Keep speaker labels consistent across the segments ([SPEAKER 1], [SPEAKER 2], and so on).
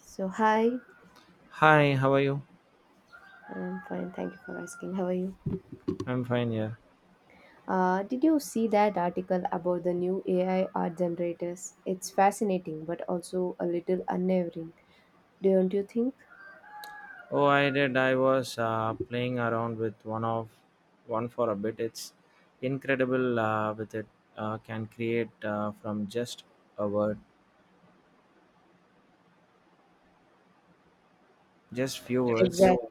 [SPEAKER 1] So, hi,
[SPEAKER 2] Hi, how are you?
[SPEAKER 1] I'm fine. Thank you for asking. How are you?
[SPEAKER 2] I'm fine, yeah.
[SPEAKER 1] Did you see that article about the new AI art generators? It's fascinating, but also a little unnerving, don't you think?
[SPEAKER 2] Oh, I did. I was playing around with one for a bit. It's incredible, with it can create, from just a word, just few words.
[SPEAKER 1] Exactly. No.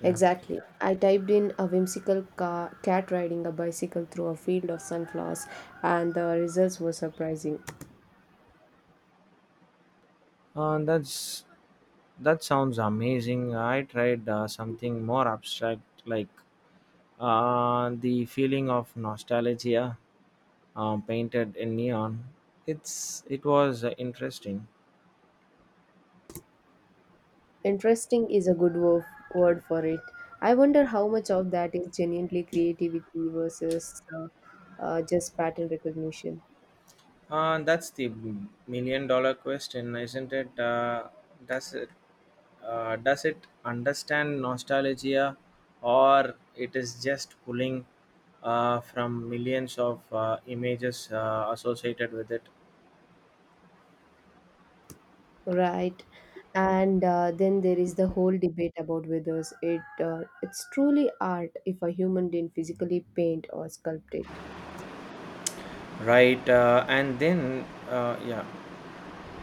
[SPEAKER 2] Yeah,
[SPEAKER 1] Exactly. I typed in a whimsical cat riding a bicycle through a field of sunflowers, and the results were surprising.
[SPEAKER 2] uh, that's that sounds amazing. I tried something more abstract, like the feeling of nostalgia painted in neon. It was interesting.
[SPEAKER 1] Interesting is a good word for it. I wonder how much of that is genuinely creativity versus just pattern recognition.
[SPEAKER 2] That's the $1,000,000 question, isn't it? Does it does it understand nostalgia, or it is just pulling from millions of images associated with it?
[SPEAKER 1] Right. And then there is the whole debate about whether it's truly art if a human didn't physically paint or sculpt it.
[SPEAKER 2] Right, and then yeah,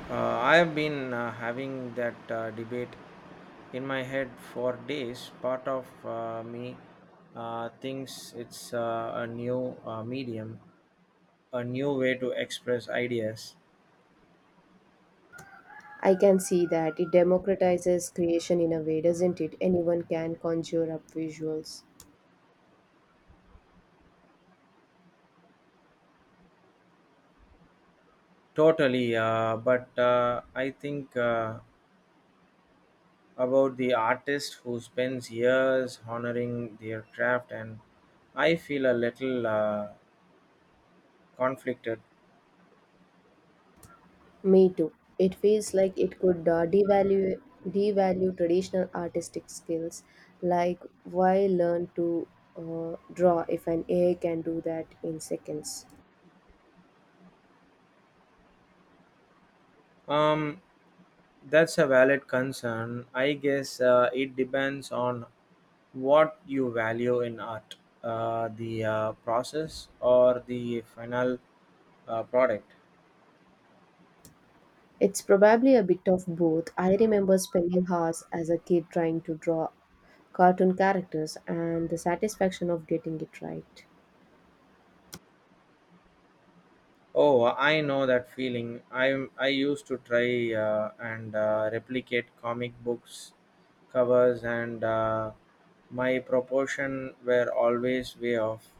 [SPEAKER 2] I have been having that debate in my head for days. Part of me thinks it's a new medium, a new way to express ideas.
[SPEAKER 1] I can see that it democratizes creation in a way, doesn't it? Anyone can conjure up visuals.
[SPEAKER 2] Totally, but I think about the artist who spends years honoring their craft, and I feel a little conflicted.
[SPEAKER 1] Me too. It feels like it could devalue traditional artistic skills, like why learn to draw if an AI can do that in seconds?
[SPEAKER 2] Um, that's a valid concern. I guess it depends on what you value in art, the process or the final product.
[SPEAKER 1] It's probably a bit of both. I remember spending hours as a kid trying to draw cartoon characters and the satisfaction of getting it right.
[SPEAKER 2] Oh, I know that feeling. I used to try and replicate comic books covers, and my proportion were always way off.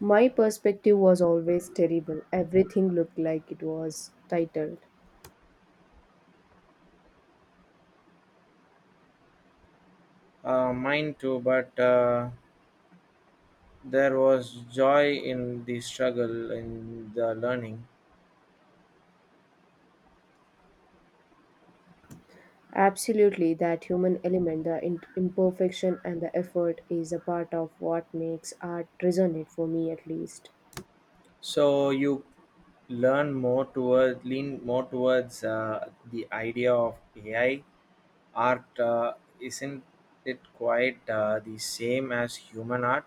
[SPEAKER 1] My perspective was always terrible. Everything looked like it was titled.
[SPEAKER 2] Mine too, but there was joy in the struggle in the learning.
[SPEAKER 1] Absolutely, that human element, the imperfection, and the effort is a part of what makes art resonate for me at least.
[SPEAKER 2] So you learn more toward lean more towards the idea of AI art. Isn't it quite the same as human art?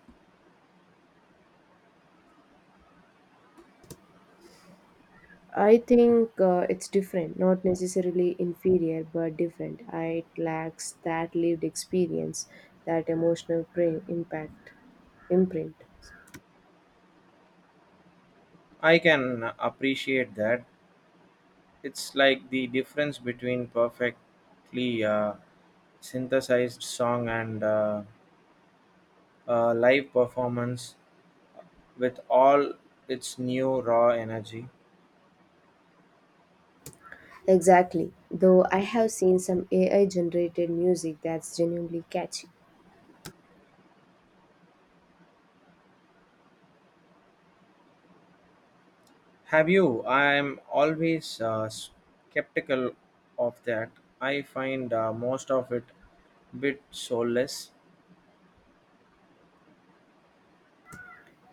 [SPEAKER 1] I think it's different, not necessarily inferior, but different. It lacks that lived experience, that emotional imprint.
[SPEAKER 2] I can appreciate that. It's like the difference between perfectly synthesized song and a live performance with all its new raw energy.
[SPEAKER 1] Exactly. Though I have seen some AI generated music that's genuinely catchy.
[SPEAKER 2] Have you? I'm always skeptical of that. I find most of it bit soulless.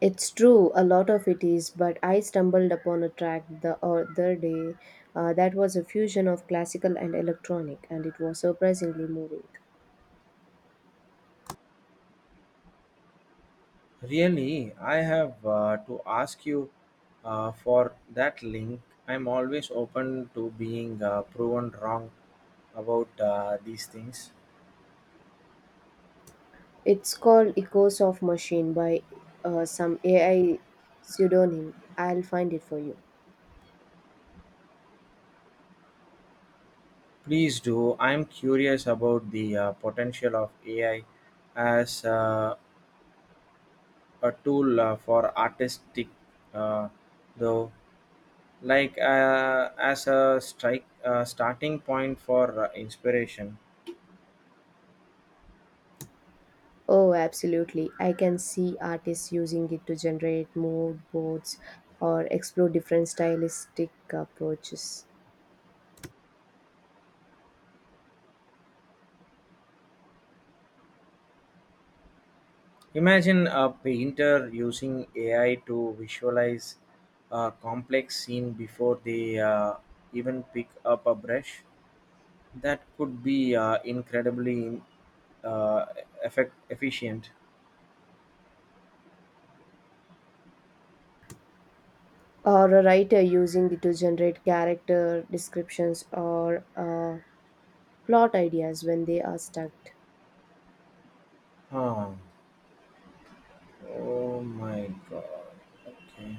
[SPEAKER 1] It's true, a lot of it is, but I stumbled upon a track the other day that was a fusion of classical and electronic, and it was surprisingly moving.
[SPEAKER 2] Really, I have to ask you for that link. I'm always open to being proven wrong about these things.
[SPEAKER 1] It's called Echoes of Machine by some AI pseudonym. I'll find it for you.
[SPEAKER 2] Please do. I'm curious about the potential of AI as a tool for artistic, uh, though, like as a strike starting point for inspiration.
[SPEAKER 1] Oh, absolutely. I can see artists using it to generate mood boards or explore different stylistic approaches.
[SPEAKER 2] Imagine a painter using AI to visualize a complex scene before they even pick up a brush. That could be incredibly, uh, efficient.
[SPEAKER 1] Or a writer using it to generate character descriptions or plot ideas when they are stuck.
[SPEAKER 2] Huh. Oh my god. Okay.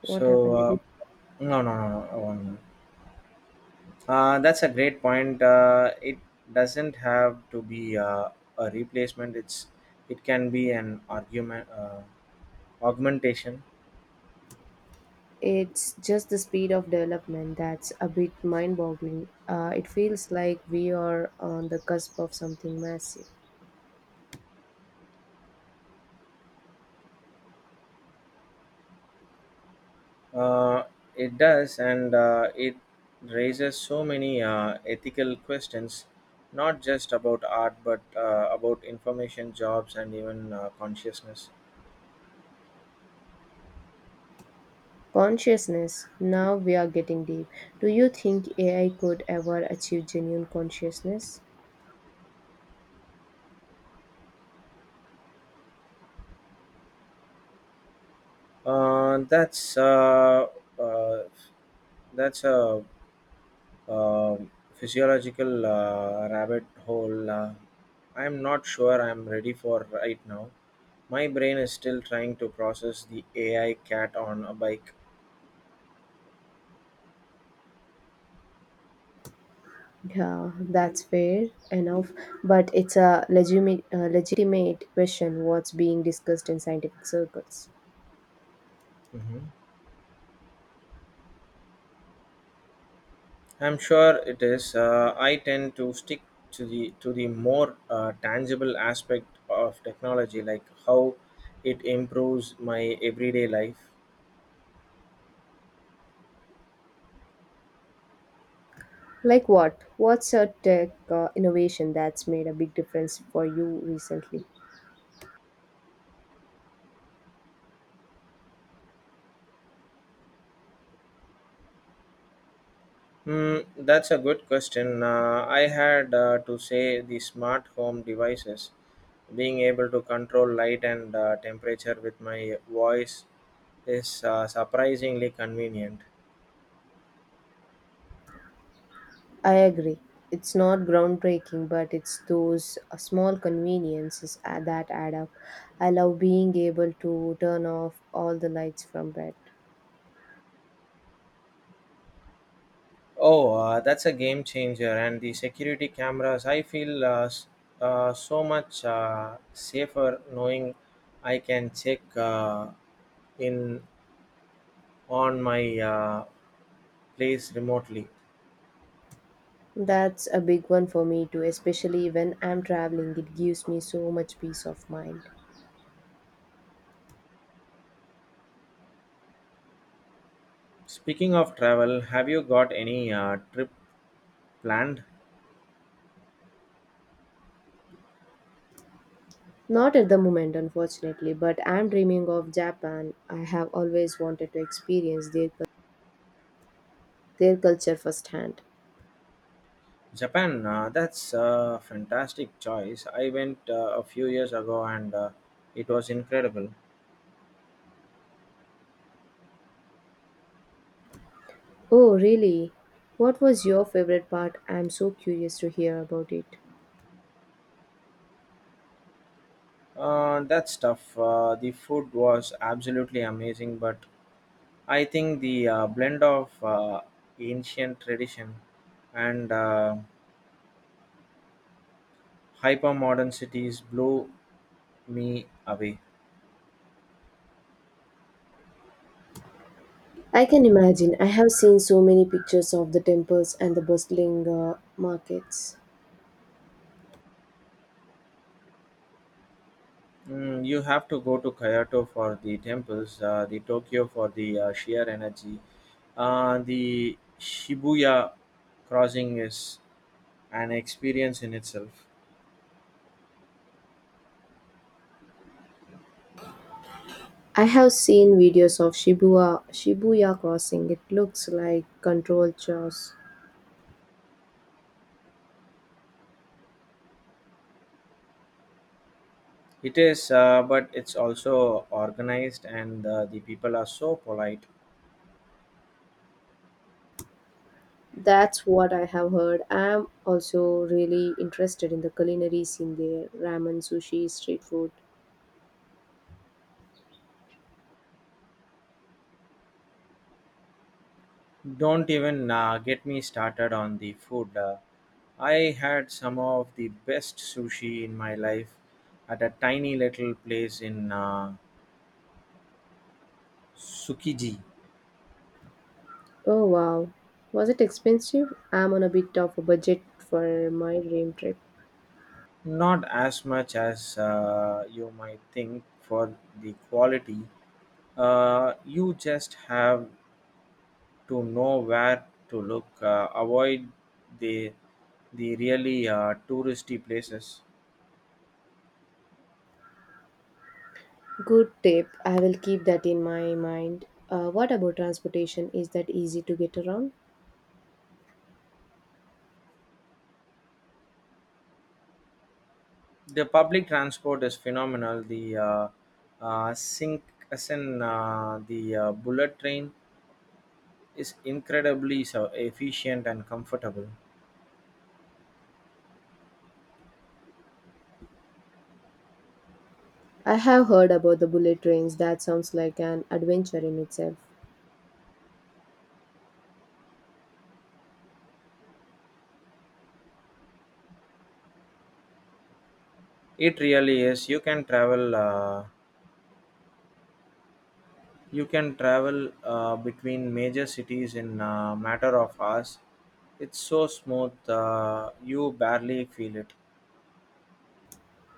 [SPEAKER 1] What
[SPEAKER 2] So,
[SPEAKER 1] happened? Did you—
[SPEAKER 2] no, no, no, no, I won't. That's a great point. It doesn't have to be a replacement. It can be an argument, augmentation.
[SPEAKER 1] It's just the speed of development that's a bit mind boggling. It feels like we are on the cusp of something massive.
[SPEAKER 2] Uh, it does, and it raises so many ethical questions, not just about art, but about information, jobs, and even consciousness.
[SPEAKER 1] Consciousness, now we are getting deep. Do you think AI could ever achieve genuine consciousness?
[SPEAKER 2] Uh, that's uh, uh, that's a physiological rabbit hole. I'm not sure I'm ready for right now. My brain is still trying to process the AI cat on a bike.
[SPEAKER 1] Yeah, that's fair enough, but it's a legitimate question what's being discussed in scientific circles.
[SPEAKER 2] Mhm. I'm sure it is. I tend to stick to the more tangible aspect of technology, like how it improves my everyday life.
[SPEAKER 1] Like what? What's a tech innovation that's made a big difference for you recently?
[SPEAKER 2] Hmm, that's a good question. I had to say the smart home devices, being able to control light and temperature with my voice is surprisingly convenient.
[SPEAKER 1] I agree. It's not groundbreaking, but it's those small conveniences that add up. I love being able to turn off all the lights from bed.
[SPEAKER 2] Oh, that's a game changer. And the security cameras, I feel, so much safer knowing I can check in on my place remotely.
[SPEAKER 1] That's a big one for me too, especially when I'm traveling. It gives me so much peace of mind.
[SPEAKER 2] Speaking of travel, have you got any trip planned?
[SPEAKER 1] Not at the moment, unfortunately, but I'm dreaming of Japan. I have always wanted to experience their culture firsthand.
[SPEAKER 2] Japan, that's a fantastic choice. I went a few years ago and it was incredible.
[SPEAKER 1] Oh, really? What was your favorite part? I'm so curious to hear about it.
[SPEAKER 2] The food was absolutely amazing, but I think the blend of ancient tradition and hyper modern cities blew me away.
[SPEAKER 1] I can imagine. I have seen so many pictures of the temples and the bustling markets.
[SPEAKER 2] Mm, you have to go to Kyoto for the temples, the Tokyo for the sheer energy. The Shibuya crossing is an experience in itself.
[SPEAKER 1] I have seen videos of Shibuya crossing. It looks like controlled chaos.
[SPEAKER 2] It is, but it's also organized, and the people are so polite.
[SPEAKER 1] That's what I have heard. I am also really interested in the culinary scene there: ramen, sushi, street food.
[SPEAKER 2] Don't even get me started on the food. I had some of the best sushi in my life at a tiny little place in, Tsukiji.
[SPEAKER 1] Oh wow. Was it expensive? I'm on a bit of a budget for my dream trip.
[SPEAKER 2] Not as much as you might think for the quality. You just have to know where to look. Avoid the the really touristy places.
[SPEAKER 1] Good tip. I will keep that in my mind. What about transportation? Is that easy to get around?
[SPEAKER 2] The public transport is phenomenal. The Shinkansen, the bullet train is incredibly so efficient and comfortable.
[SPEAKER 1] I have heard about the bullet trains. That sounds like an adventure in itself.
[SPEAKER 2] It really is. You can travel between major cities in a matter of hours. It's so smooth. You barely feel it.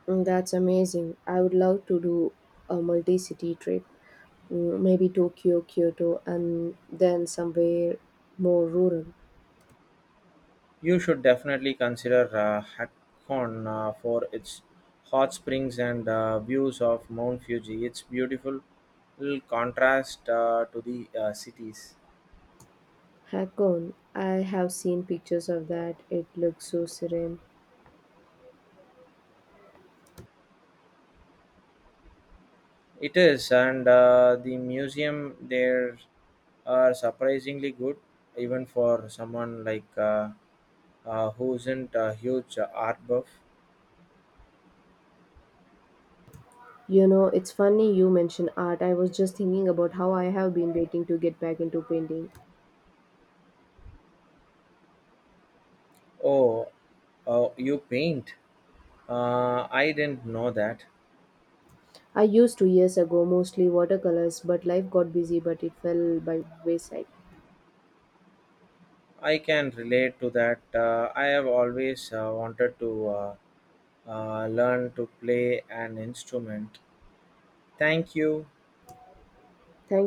[SPEAKER 1] Mm, that's amazing. I would love to do a multi city trip, mm, maybe Tokyo, Kyoto, and then somewhere more rural.
[SPEAKER 2] You should definitely consider Hakon for its hot springs and views of Mount Fuji. It's beautiful little contrast to the cities.
[SPEAKER 1] Hakone. I have seen pictures of that. It looks so serene.
[SPEAKER 2] It is, and the museum there are surprisingly good, even for someone like who isn't a huge art buff.
[SPEAKER 1] You know, it's funny you mention art. I was just thinking about how I have been waiting to get back into painting.
[SPEAKER 2] Oh, you paint? I didn't know that.
[SPEAKER 1] I used 2 years ago, mostly watercolors, but life got busy, but it fell by wayside.
[SPEAKER 2] I can relate to that. I have always wanted to, learn to play an instrument. Thank you.
[SPEAKER 1] Thank